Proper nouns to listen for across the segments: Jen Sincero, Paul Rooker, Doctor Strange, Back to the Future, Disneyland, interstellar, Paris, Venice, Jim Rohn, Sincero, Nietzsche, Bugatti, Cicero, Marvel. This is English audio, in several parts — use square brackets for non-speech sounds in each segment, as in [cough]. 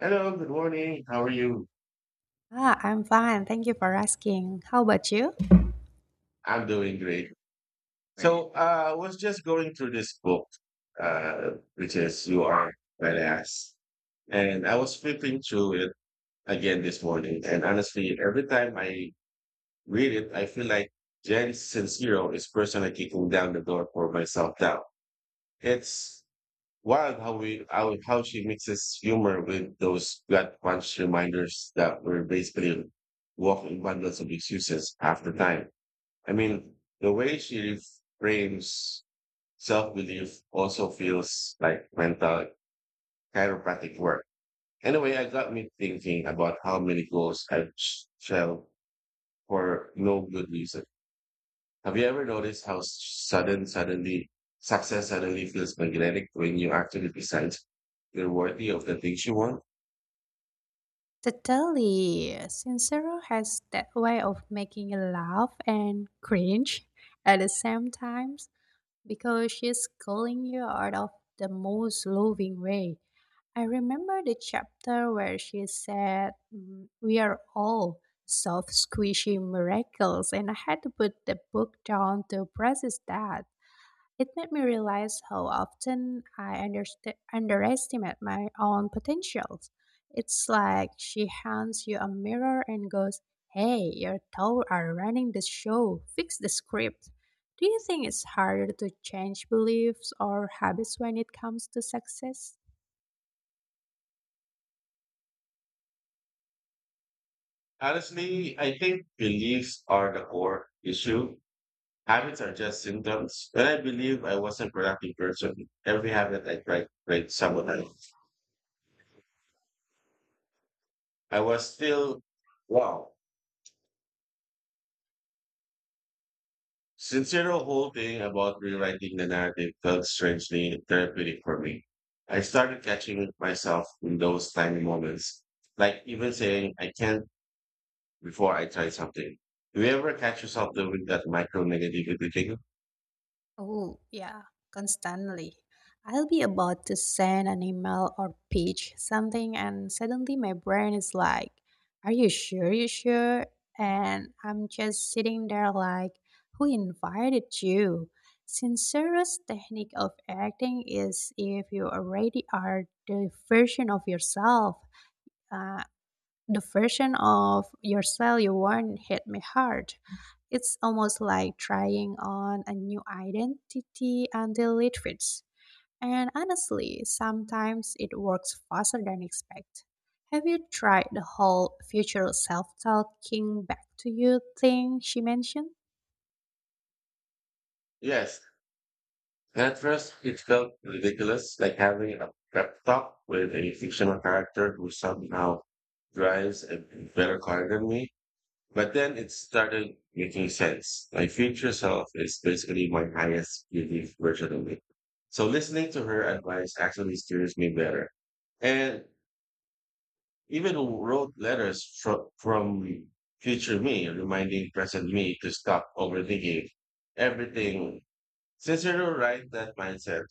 Hello, good morning. How are you? Ah, I'm fine. Thank you for asking. How about you? I'm doing great. So I was just going through this book, uh, which is You Are Badass. And I was flipping through it again this morning. And honestly, every time I read it, I feel like Jen Sincero is personally kicking down the door for myself now. It's wild how how she mixes humor with those gut punch reminders that we're basically walking bundles of excuses half the time. I mean, the way she frames self belief also feels like mental chiropractic work. Anyway, I got me thinking about how many goals I've shelved for no good reason. Have you ever noticed how suddenly, success suddenly feels magnetic when you actually decide you're worthy of the things you want? Totally. Sincero has that way of making you laugh and cringe at the same times because she's calling you out of the most loving way. I remember the chapter where she said, we are all soft, squishy miracles, and I had to put the book down to process that. It made me realize how often I underestimate my own potentials. It's like she hands you a mirror and goes, hey, your toes are running the show, fix the script. Do you think it's harder to change beliefs or habits when it comes to success? Honestly, I think beliefs are the core issue. Habits are just symptoms. When I believe I was a productive person, every habit I tried sabotage. I was still wow. Sincere whole thing about rewriting the narrative felt strangely therapeutic for me. I started catching myself in those tiny moments, like even saying I can't before I try something. Do you ever catch yourself doing that micro negativity thing? Oh, yeah, constantly. I'll be about to send an email or pitch something, and suddenly my brain is like, are you sure? You sure? And I'm just sitting there like, who invited you? Sincerest technique of acting is if you already are the version of yourself. Uh, the version of yourself you want hit me hard. It's almost like trying on a new identity until it fits. And honestly, sometimes it works faster than expect. Have you tried the whole future self-talking back to you thing she mentioned? Yes. At first, it felt ridiculous, like having a pep talk with a fictional character who somehow drives a better car than me. But then it started making sense. My future self is basically my highest belief version of me. So listening to her advice actually steers me better. And even wrote letters from future me, reminding present me to stop overthinking everything. Cicero right that mindset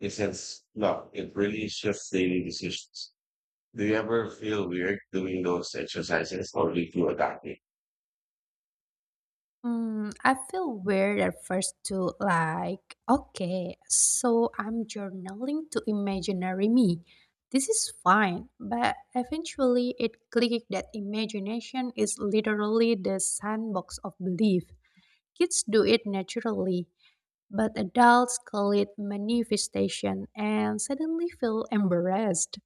isn't luck. It really shifts daily decisions. Do you ever feel weird doing those exercises or did you adapt it? I feel weird at first too, like, okay, so I'm journaling to imaginary me. This is fine, but eventually it clicked that imagination is literally the sandbox of belief. Kids do it naturally, but adults call it manifestation and suddenly feel embarrassed.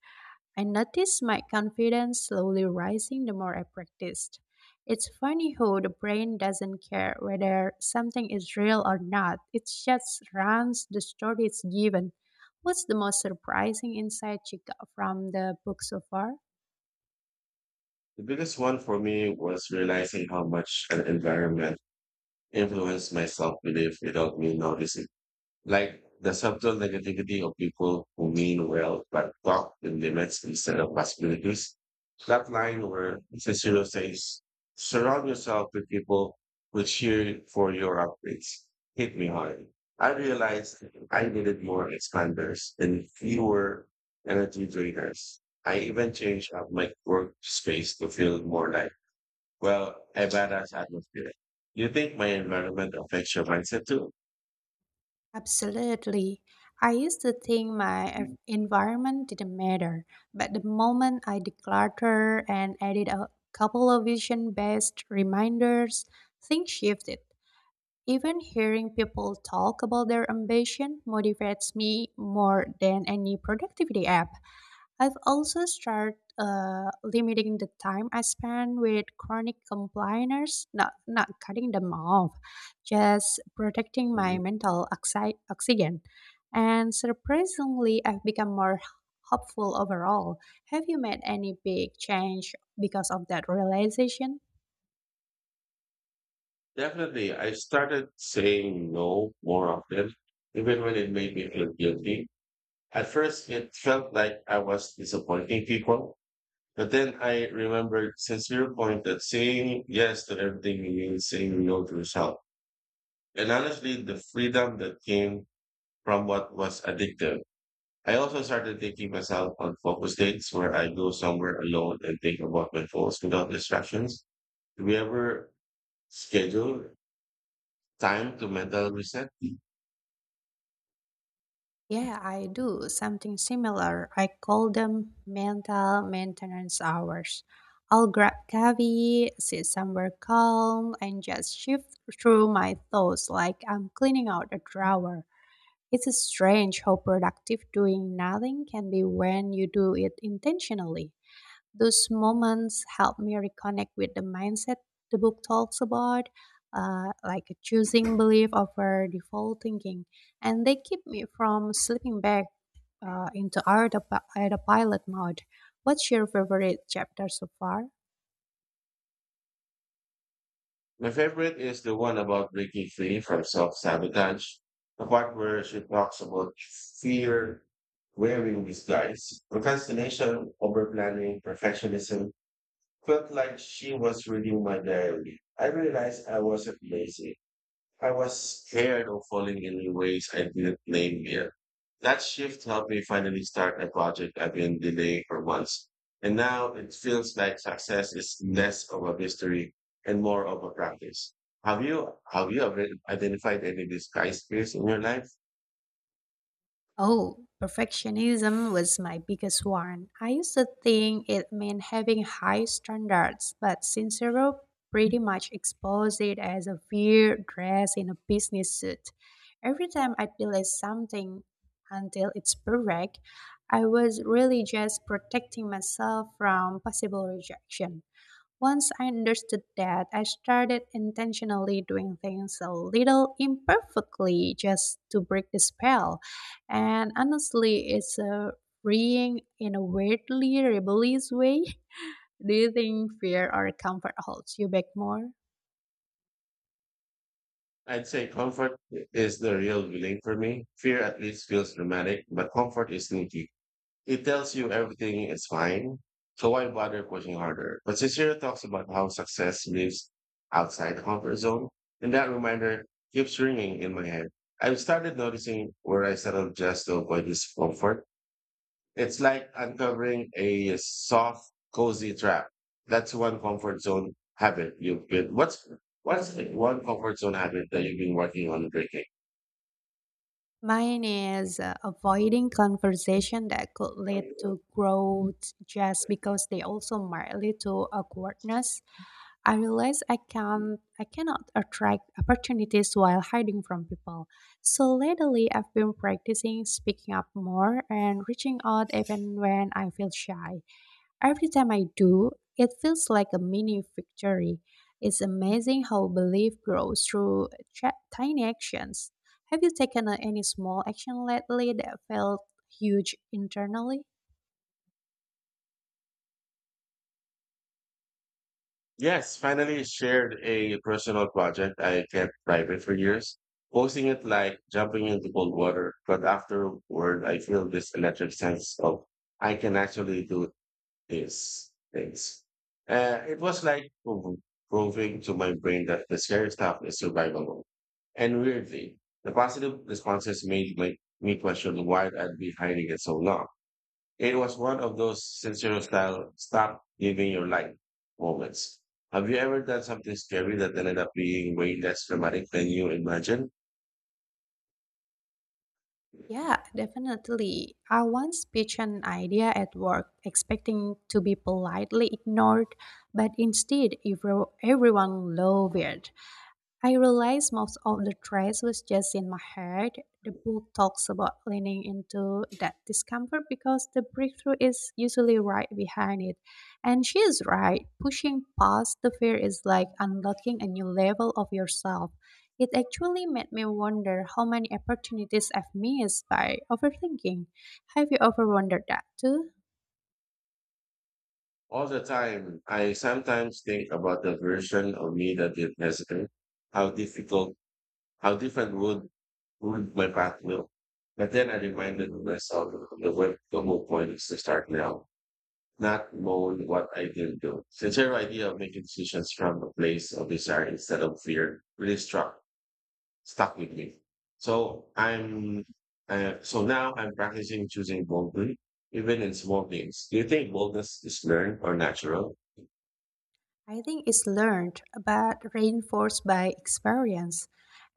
I noticed my confidence slowly rising the more I practiced. It's funny how the brain doesn't care whether something is real or not. It just runs the story it's given. What's the most surprising insight you got from the book so far? The biggest one for me was realizing how much an environment influenced my self-belief without me noticing, like the subtle negativity of people who mean well but talk in limits instead of possibilities. That line where Cicero says, surround yourself with people who cheer for your upgrades. Hit me hard. I realized I needed more expanders and fewer energy drainers. I even changed up my workspace to feel more like, well, a badass atmosphere. Do you think my environment affects your mindset too? Absolutely. I used to think my environment didn't matter, but the moment I declutter and added a couple of vision based reminders, things shifted. Even hearing people talk about their ambition motivates me more than any productivity app. I've also started limiting the time I spend with chronic complainers, not cutting them off, just protecting my mental oxygen. And surprisingly, I've become more hopeful overall. Have you made any big change because of that realization? Definitely, I started saying no more often, even when it made me feel guilty. At first, it felt like I was disappointing people, but then I remembered since your point that saying yes to everything means saying no to yourself. And honestly, the freedom that came from what was addictive. I also started taking myself on focus dates where I go somewhere alone and think about my goals without distractions. Do we ever schedule time to mental reset? Yeah, I do something similar. I call them mental maintenance hours. I'll grab coffee, sit somewhere calm, and just shift through my thoughts like I'm cleaning out a drawer. It's strange how productive doing nothing can be when you do it intentionally. Those moments help me reconnect with the mindset the book talks about, like choosing belief over default thinking, and they keep me from slipping back into autopilot mode. What's your favorite chapter so far? My favorite is the one about breaking free from self-sabotage, the part where she talks about fear wearing disguise, procrastination, overplanning, perfectionism. Felt like she was reading my diary. I realized I wasn't lazy. I was scared of falling in ways I didn't name yet. That shift helped me finally start a project I've been delaying for months. And now it feels like success is less of a mystery and more of a practice. Have you ever identified any disguised fears in your life? Oh, perfectionism was my biggest one. I used to think it meant having high standards, but Sincero pretty much exposed it as a weird dress in a business suit. Every time I delayed something until it's perfect, I was really just protecting myself from possible rejection. Once I understood that, I started intentionally doing things a little imperfectly just to break the spell. And honestly, it's a freeing in a weirdly rebellious way. [laughs] Do you think fear or comfort holds you back more? I'd say comfort is the real villain for me. Fear at least feels dramatic, but comfort is sneaky. It tells you everything is fine. So why bother pushing harder? But Sincere talks about how success lives outside the comfort zone. And that reminder keeps ringing in my head. I've started noticing where I settle just to avoid discomfort. It's like uncovering a soft, cozy trap. That's one comfort zone habit you've been. What's the one comfort zone habit that you've been working on breaking? Mine is avoiding conversation that could lead to growth just because they also might lead to awkwardness. I realize I cannot attract opportunities while hiding from people. So lately I've been practicing speaking up more and reaching out even when I feel shy. Every time I do, it feels like a mini victory. It's amazing how belief grows through tiny actions. Have you taken any small action lately that felt huge internally? Yes, finally shared a personal project I kept private for years. Posting it like jumping into cold water, but afterward I feel this electric sense of I can actually do these things. It was like proving to my brain that the scary stuff is survivable. And weirdly, the positive responses made my, me question why I'd been hiding it so long. It was one of those sincere style stop living your life moments. Have you ever done something scary that ended up being way less dramatic than you imagined? Yeah, definitely. I once pitched an idea at work, expecting to be politely ignored, but instead, everyone loved it. I realized most of the stress was just in my head. The book talks about leaning into that discomfort because the breakthrough is usually right behind it. And she is right. Pushing past the fear is like unlocking a new level of yourself. It actually made me wonder how many opportunities I've missed by overthinking. Have you ever wondered that too? All the time, I sometimes think about the version of me that did hesitate. How difficult, how different would my path look? But then I reminded myself the whole point is to start now, not moan what I didn't do. Since your idea of making decisions from a place of desire instead of fear really struck stuck with me. So I'm so now I'm practicing choosing boldly, even in small things. Do you think boldness is learned or natural? I think it's learned, but reinforced by experience.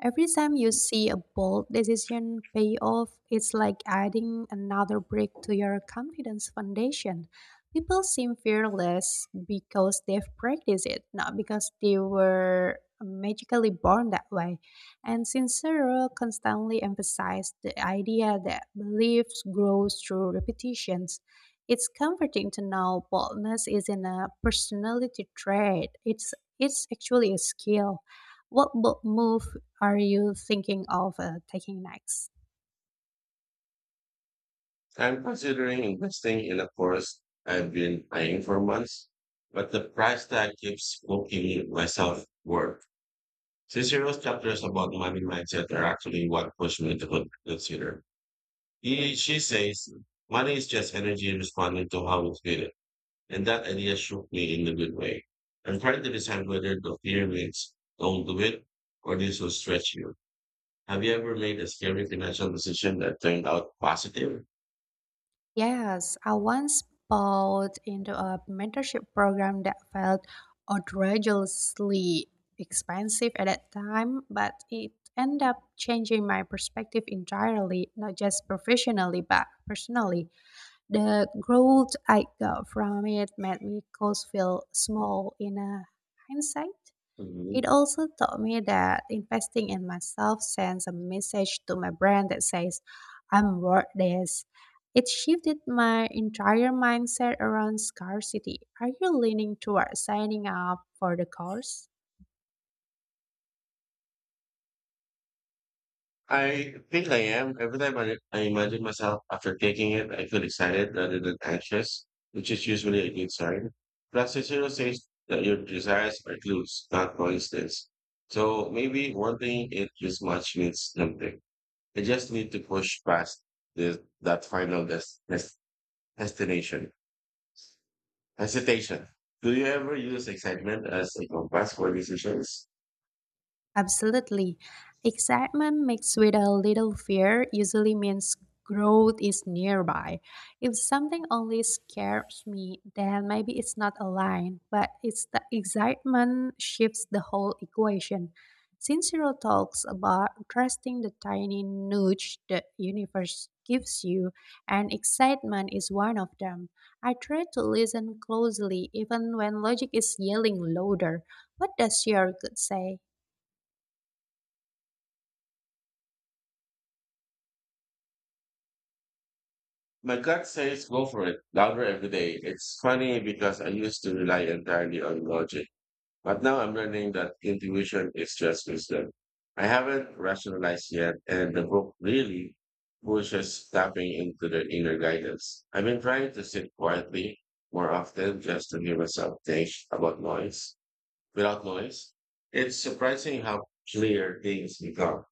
Every time you see a bold decision pay off, it's like adding another brick to your confidence foundation. People seem fearless because they've practiced it, not because they were magically born that way. And Sincero constantly emphasized the idea that beliefs grows through repetitions it's comforting to know boldness isn't a personality trait. It's actually a skill. What bold move are you thinking of taking next? I'm considering investing in a course I've been eyeing for months, but the price tag keeps poking myself work. Cicero's chapters about money mindset are actually what pushed me to consider. He, she says, money is just energy responding to how we feel and that idea shook me in a good way. I'm trying to decide whether the fear means don't do it or this will stretch you. Have you ever made a scary financial decision that turned out positive? Yes, I once bought into a mentorship program that felt outrageously expensive at that time, but it ended up changing my perspective entirely, not just professionally, but personally. The growth I got from it made me cause feel small in a hindsight. Mhm. It also taught me that investing in myself sends a message to my brain that says, I'm worth this. It shifted my entire mindset around scarcity. Are you leaning toward signing up for the course? I think I am. Every time I imagine myself after taking it, I feel excited rather than anxious, which is usually a good sign. Plus, the zero says that your desires are clues, not coincidence. So maybe wanting it this much means something. I just need to push past this, that final destination. Hesitation. Do you ever use excitement as a compass for decisions? Absolutely. Excitement mixed with a little fear usually means growth is nearby. If something only scares me, then maybe it's not aligned, but it's the excitement shifts the whole equation. Sincero talks about trusting the tiny nudge the universe gives you, and excitement is one of them. I try to listen closely even when logic is yelling louder. What does your gut say? My gut says go for it, louder every day. It's funny because I used to rely entirely on logic, but now I'm learning that intuition is just wisdom. I haven't rationalized yet, and the book really pushes tapping into the inner guidance. I've been trying to sit quietly more often just to hear myself think about noise. Without noise. It's surprising how clear things become.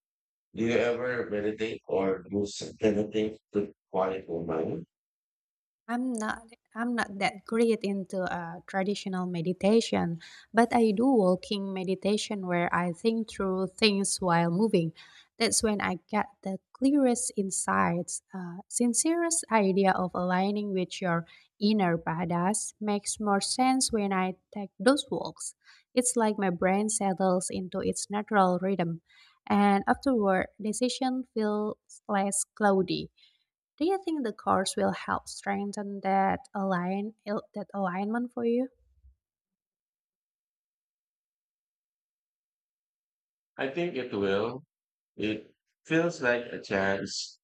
Do you ever meditate or do anything to quiet your mind? I'm not I'm not that great into traditional meditation, but I do walking meditation where I think through things while moving. That's when I get the clearest insights. Sincerest idea of aligning with your inner badass makes more sense when I take those walks. It's like my brain settles into its natural rhythm, and afterward, decision feels less cloudy. Do you think the course will help strengthen that that alignment for you? I think it will. It feels like a chance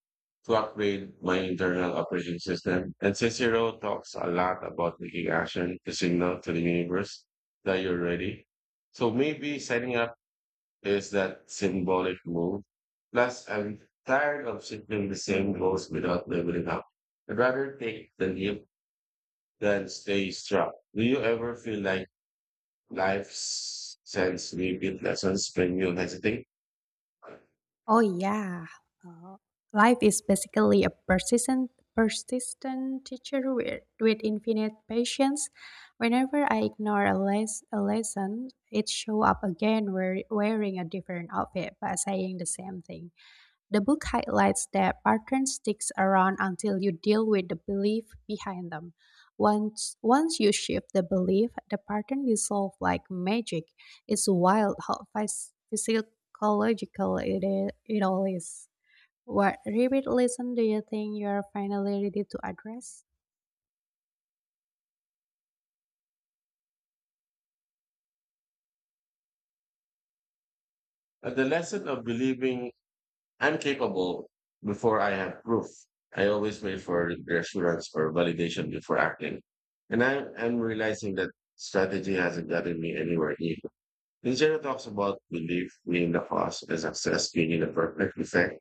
to upgrade my internal operating system. And Cicero talks a lot about taking action to signal to the universe that you're ready. So maybe setting up is that symbolic move. Plus, I'm tired of shifting the same goals without leveling up. I'd rather take the leap than stay stuck. Do you ever feel like life sends repeat lessons when you hesitate? Oh yeah, Uh, life is basically a persistent teacher with infinite patience. Whenever I ignore a, a lesson, it show up again wearing a different outfit but saying the same thing. The book highlights that patterns sticks around until you deal with the belief behind them. Once you shift the belief, the pattern dissolves like magic. It's wild how physiological it all is. What repeat lesson do you think you're finally ready to address? But the lesson of believing I'm capable before I have proof. I always wait for reassurance or validation before acting. And I am realizing that strategy hasn't gotten me anywhere near. Nietzsche talks about belief being the cause and success being the perfect effect,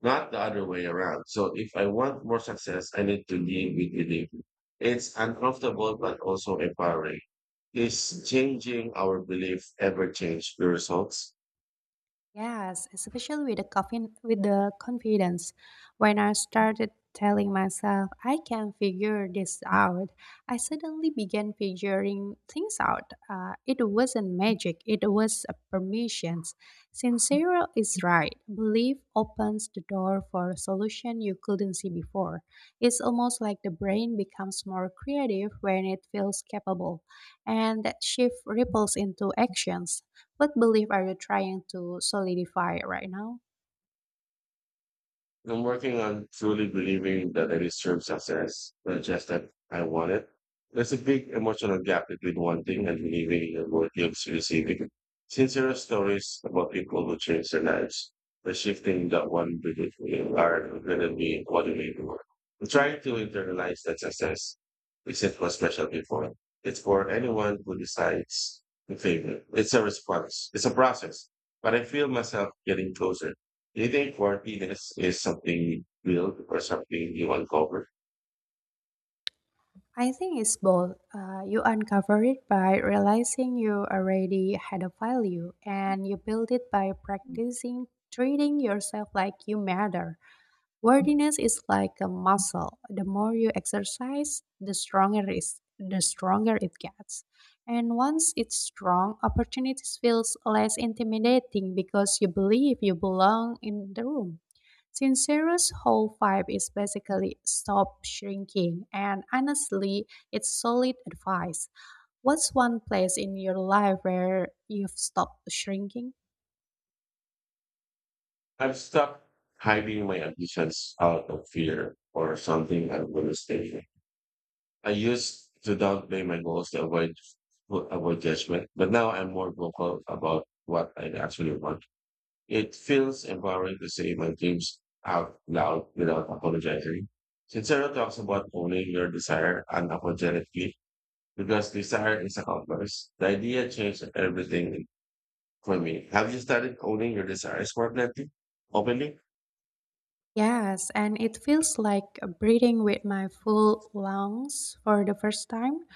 not the other way around. So if I want more success, I need to live with belief. It's uncomfortable, but also empowering. Is changing our belief ever change the results? Yes, especially with the with the confidence. When I started telling myself I can figure this out, I suddenly began figuring things out. It wasn't magic; it was a permissions. Sincero is right. Belief opens the door for a solution you couldn't see before. It's almost like the brain becomes more creative when it feels capable, and that shift ripples into actions. What belief are you trying to solidify right now? I'm working on truly believing that I deserve success, not just that I want it. There's a big emotional gap between wanting and believing and what gives receiving. Sincere stories about people who change their lives by shifting that one belief in are gonna be what we do. I'm trying to internalize that success isn't what special before. It's for anyone who decides in favor. It's a response. It's a process. But I feel myself getting closer. Do you think worthiness is something you build or something you uncover? I think it's both. You uncover it by realizing you already had a value, and you build it by practicing treating yourself like you matter. Worthiness is like a muscle. The more you exercise, the stronger is the stronger it gets. And once it's strong, opportunities feels less intimidating because you believe you belong in the room. Sincero's whole vibe is basically stop shrinking, and honestly, it's solid advice. What's one place in your life where you've stopped shrinking? I'm stuck hiding my ambitions out of fear or something I'm going to stay with. I used to downplay my goals to avoid judgment, but now I'm more vocal about what I actually want. It feels empowering to say my dreams out loud without apologizing. Sincero talks about owning your desire unapologetically because desire is a compass. The idea changed everything for me. Have you started owning your desires more plenty, openly? Yes, and it feels like breathing with my full lungs for the first time.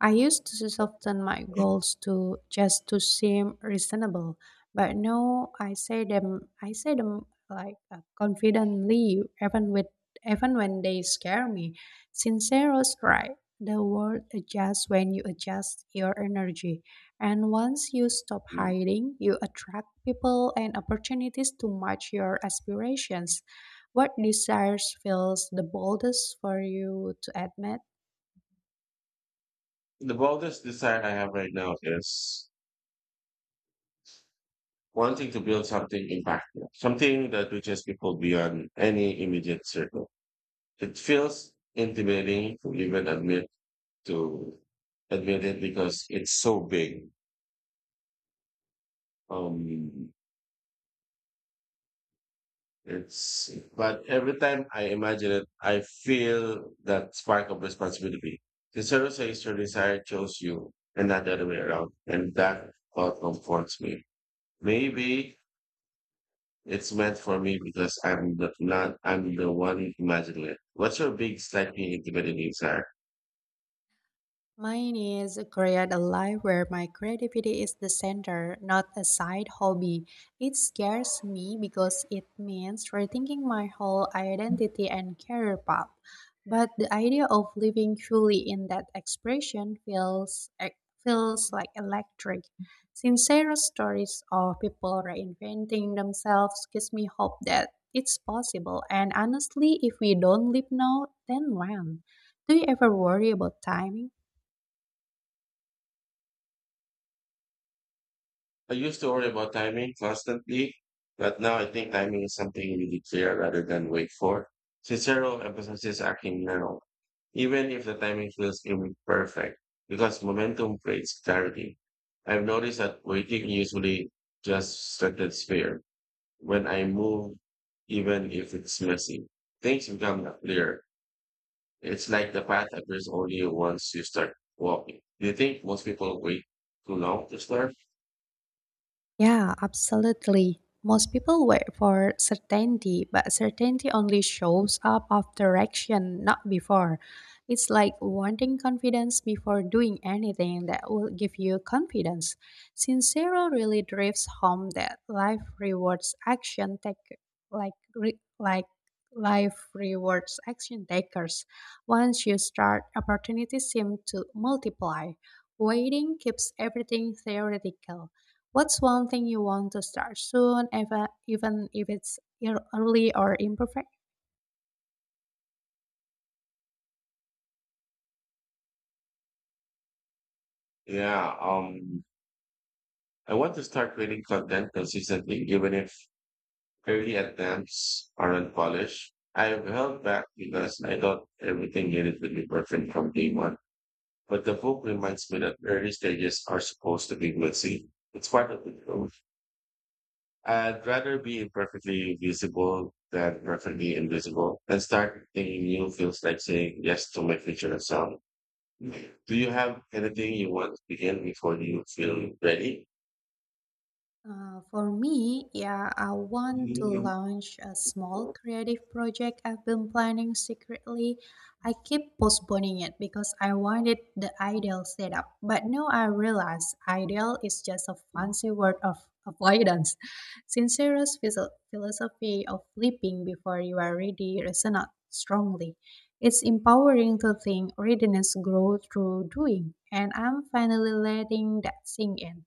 I used to soften my goals to just to seem reasonable, but now I say them like confidently even when they scare me. Sincero's right. The world adjusts when you adjust your energy. And once you stop Mm. hiding, you attract people and opportunities to match your aspirations. What desires feels the boldest for you to admit? The boldest desire I have right now is wanting to build something impactful, something that reaches people beyond any immediate circle. It feels intimidating to even to admit it because it's so big. Um, It's But every time I imagine it, I feel that spark of responsibility. The Cicero says your desire chose you and not the other way around. And that thought comforts me. Maybe it's meant for me because I'm the, not I'm the one imagining it. What's your big slightly intimidating desire? Mine is create a life where my creativity is the center, not a side hobby. It scares me because it means rethinking my whole identity and career path. But the idea of living truly in that expression feels like electric. Sincere stories of people reinventing themselves gives me hope that it's possible. And honestly, if we don't live now, then when? Do you ever worry about timing? I used to worry about timing constantly, but now I think timing is something you need to clear rather than wait for. Cicero emphasizes acting now, even if the timing feels imperfect, because momentum creates clarity. I've noticed that waiting usually just strengthens fear. When I move, even if it's messy, things become clear. It's like the path appears only once you start walking. Do you think most people wait too long to start? Yeah, absolutely. Most people wait for certainty, but certainty only shows up after action, not before. It's like wanting confidence before doing anything that will give you confidence. Sincero really drives home that like re- like life rewards action takers. Once you start, opportunities seem to multiply. Waiting keeps everything theoretical. What's one thing you want to start soon, even if it's early or imperfect? Yeah, um, I want to start creating content consistently, even if early attempts aren't polished. I have held back because I thought everything needed to be perfect from day one. But the book reminds me that early stages are supposed to be messy. It's part of the growth. I'd rather be imperfectly visible than perfectly invisible and start thinking new feels like saying yes to my future self. Do you have anything you want to begin before you feel ready? For me, yeah, I want to launch a small creative project I've been planning secretly. I keep postponing it because I wanted the ideal setup. But now I realize ideal is just a fancy word of avoidance. [laughs] Sincero's philosophy of leaping before you are ready resonates strongly. It's empowering to think readiness grows through doing, and I'm finally letting that sink in.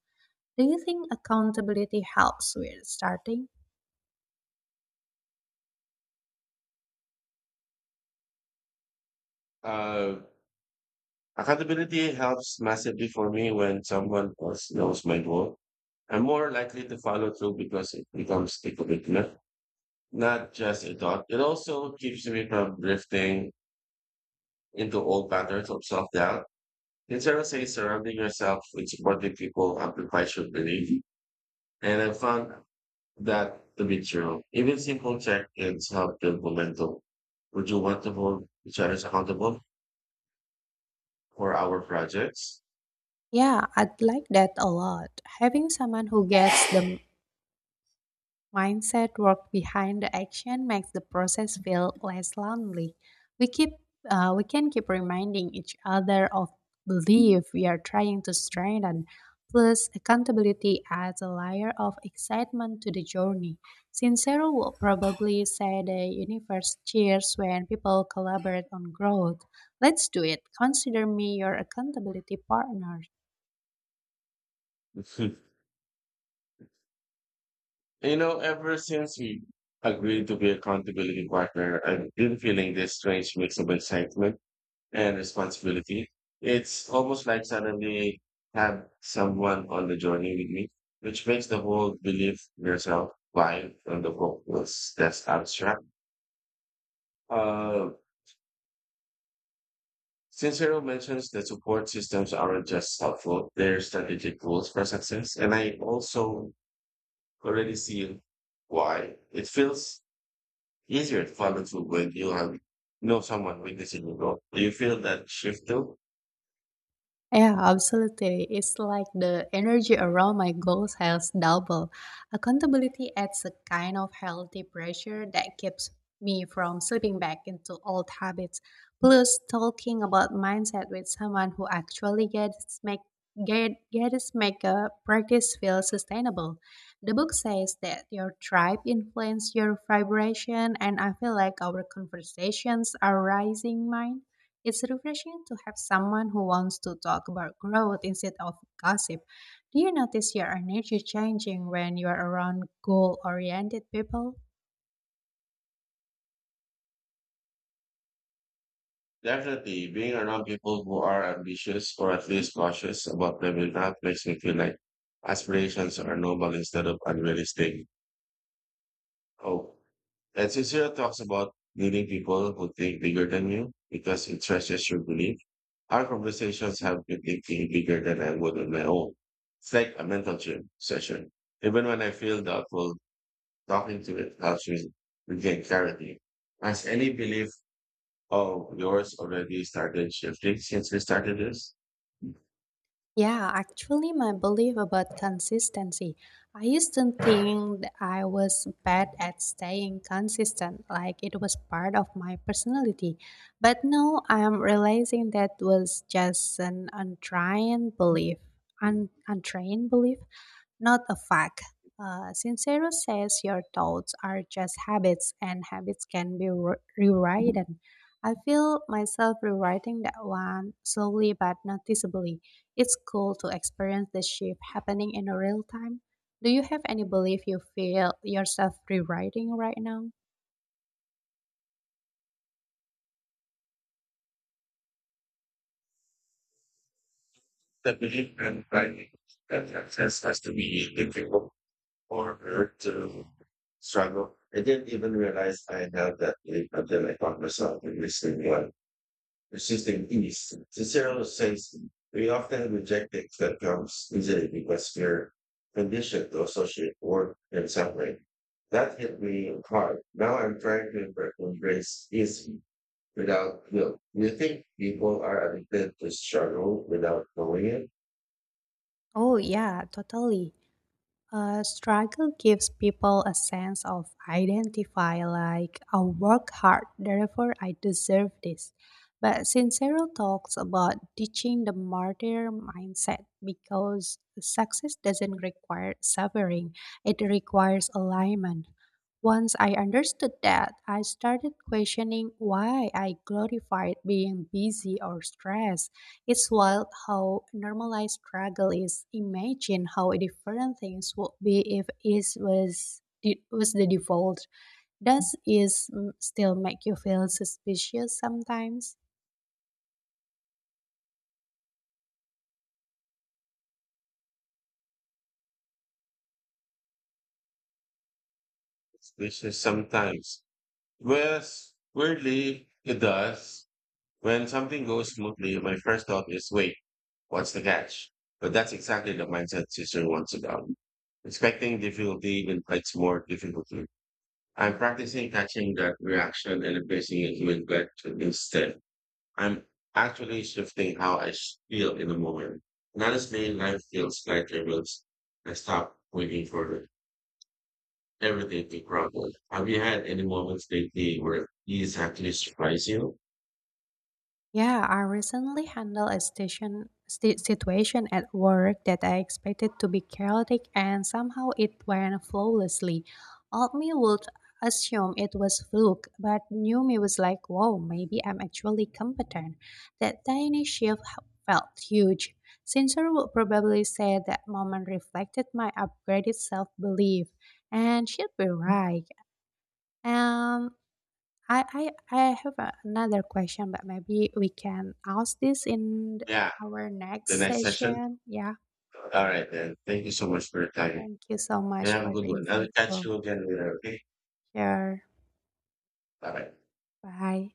Do you think accountability helps with starting? Uh, Accountability helps massively for me when someone else knows my goal. I'm more likely to follow through because it becomes a commitment, not just a thought. It also keeps me from drifting into old patterns of self doubt. In several say surrounding yourself with supportive people amplifies your belief. And I found that to be true. Even simple check ins help build momentum. Would you want to hold each other accountable for our projects? Yeah, I'd like that a lot. Having someone who gets the mindset work behind the action makes the process feel less lonely. We keep we can keep reminding each other of belief we are trying to strengthen. Plus, accountability adds a layer of excitement to the journey. Sincero will probably say the universe cheers when people collaborate on growth. Let's do it. Consider me your accountability partner. [laughs] You know, ever since we agreed to be accountability partner, I've been feeling this strange mix of excitement and responsibility. It's almost like suddenly I have someone on the journey with me, which makes the whole believe yourself while on the focus that's abstract. Uh, Sincero mentions that support systems aren't just helpful, they're strategic tools for success. And I also already see why. It feels easier to follow through when you have know someone witnessing you grow. Do you feel that shift too? Yeah, absolutely. It's like the energy around my goals has doubled. Accountability adds a kind of healthy pressure that keeps me from slipping back into old habits. Plus, talking about mindset with someone who actually gets make a practice feel sustainable. The book says that your tribe influence your vibration, and I feel like our conversations are rising mine. It's refreshing to have someone who wants to talk about growth instead of gossip. Do you notice your energy changing when you are around goal oriented people? Definitely, being around people who are ambitious or at least cautious about their that makes me feel like aspirations are noble instead of unrealistic. Oh, and Cicero talks about meeting people who think bigger than you because it stretches your belief. Our conversations have been thinking bigger than I would on my own. It's like a mental gym session. Even when I feel doubtful, talking to it helps me regain clarity. Has any belief of yours already started shifting since we started this? Yeah, actually, my belief about consistency. I used to think that I was bad at staying consistent, like it was part of my personality. But now I'm realizing that was just an untrained belief, un- untrained belief, not a fact. Sincero says your thoughts are just habits, and habits can be rewritten. I feel myself rewriting that one slowly but noticeably. It's cool to experience the shift happening in real time. Do you have any belief you feel yourself rewriting right now? The belief and writing that success has to be difficult for her to struggle. I didn't even realize I had that belief until I found myself in this new one. Persistent ease. Cicero says we often reject things that comes easily because we're conditioned to associate work and suffering. That hit me hard. Now I'm trying to embrace easy without guilt. Do you think people are addicted to struggle without knowing it? Oh, yeah, totally. Struggle gives people a sense of identify, like I work hard, therefore I deserve this. But Sincero talks about teaching the martyr mindset because success doesn't require suffering, it requires alignment. Once I understood that, I started questioning why I glorified being busy or stressed it's wild how normalized struggle is. Imagine how different things would be if it was the default. Does it still make you feel suspicious sometimes? This is sometimes. Yes, weirdly, it does. When something goes smoothly, my first thought is, wait, what's the catch? But that's exactly the mindset Cicero wants about. Expecting difficulty invites more difficulty. I'm practicing catching that reaction and replacing it with gratitude instead. I'm actually shifting how I feel in the moment. And honestly, life feels lighter once I stop waiting for everything to crumble. Have you had any moments lately where these actually surprise you? Yeah, I recently handled a situation at work that I expected to be chaotic and somehow it went flawlessly. Old me would assume it was fluke, but new me was like, whoa, maybe I'm actually competent. That tiny felt huge. Sincere would probably say that moment reflected my upgraded self-belief, and she'd be right. Um, I have another question, but maybe we can ask this in Yeah, our the next next session. session. Yeah. All right, then. Thank you so much for your time. Thank you so You much have a for good the one. I'll catch insightful you again later, okay? share. All right. Bye.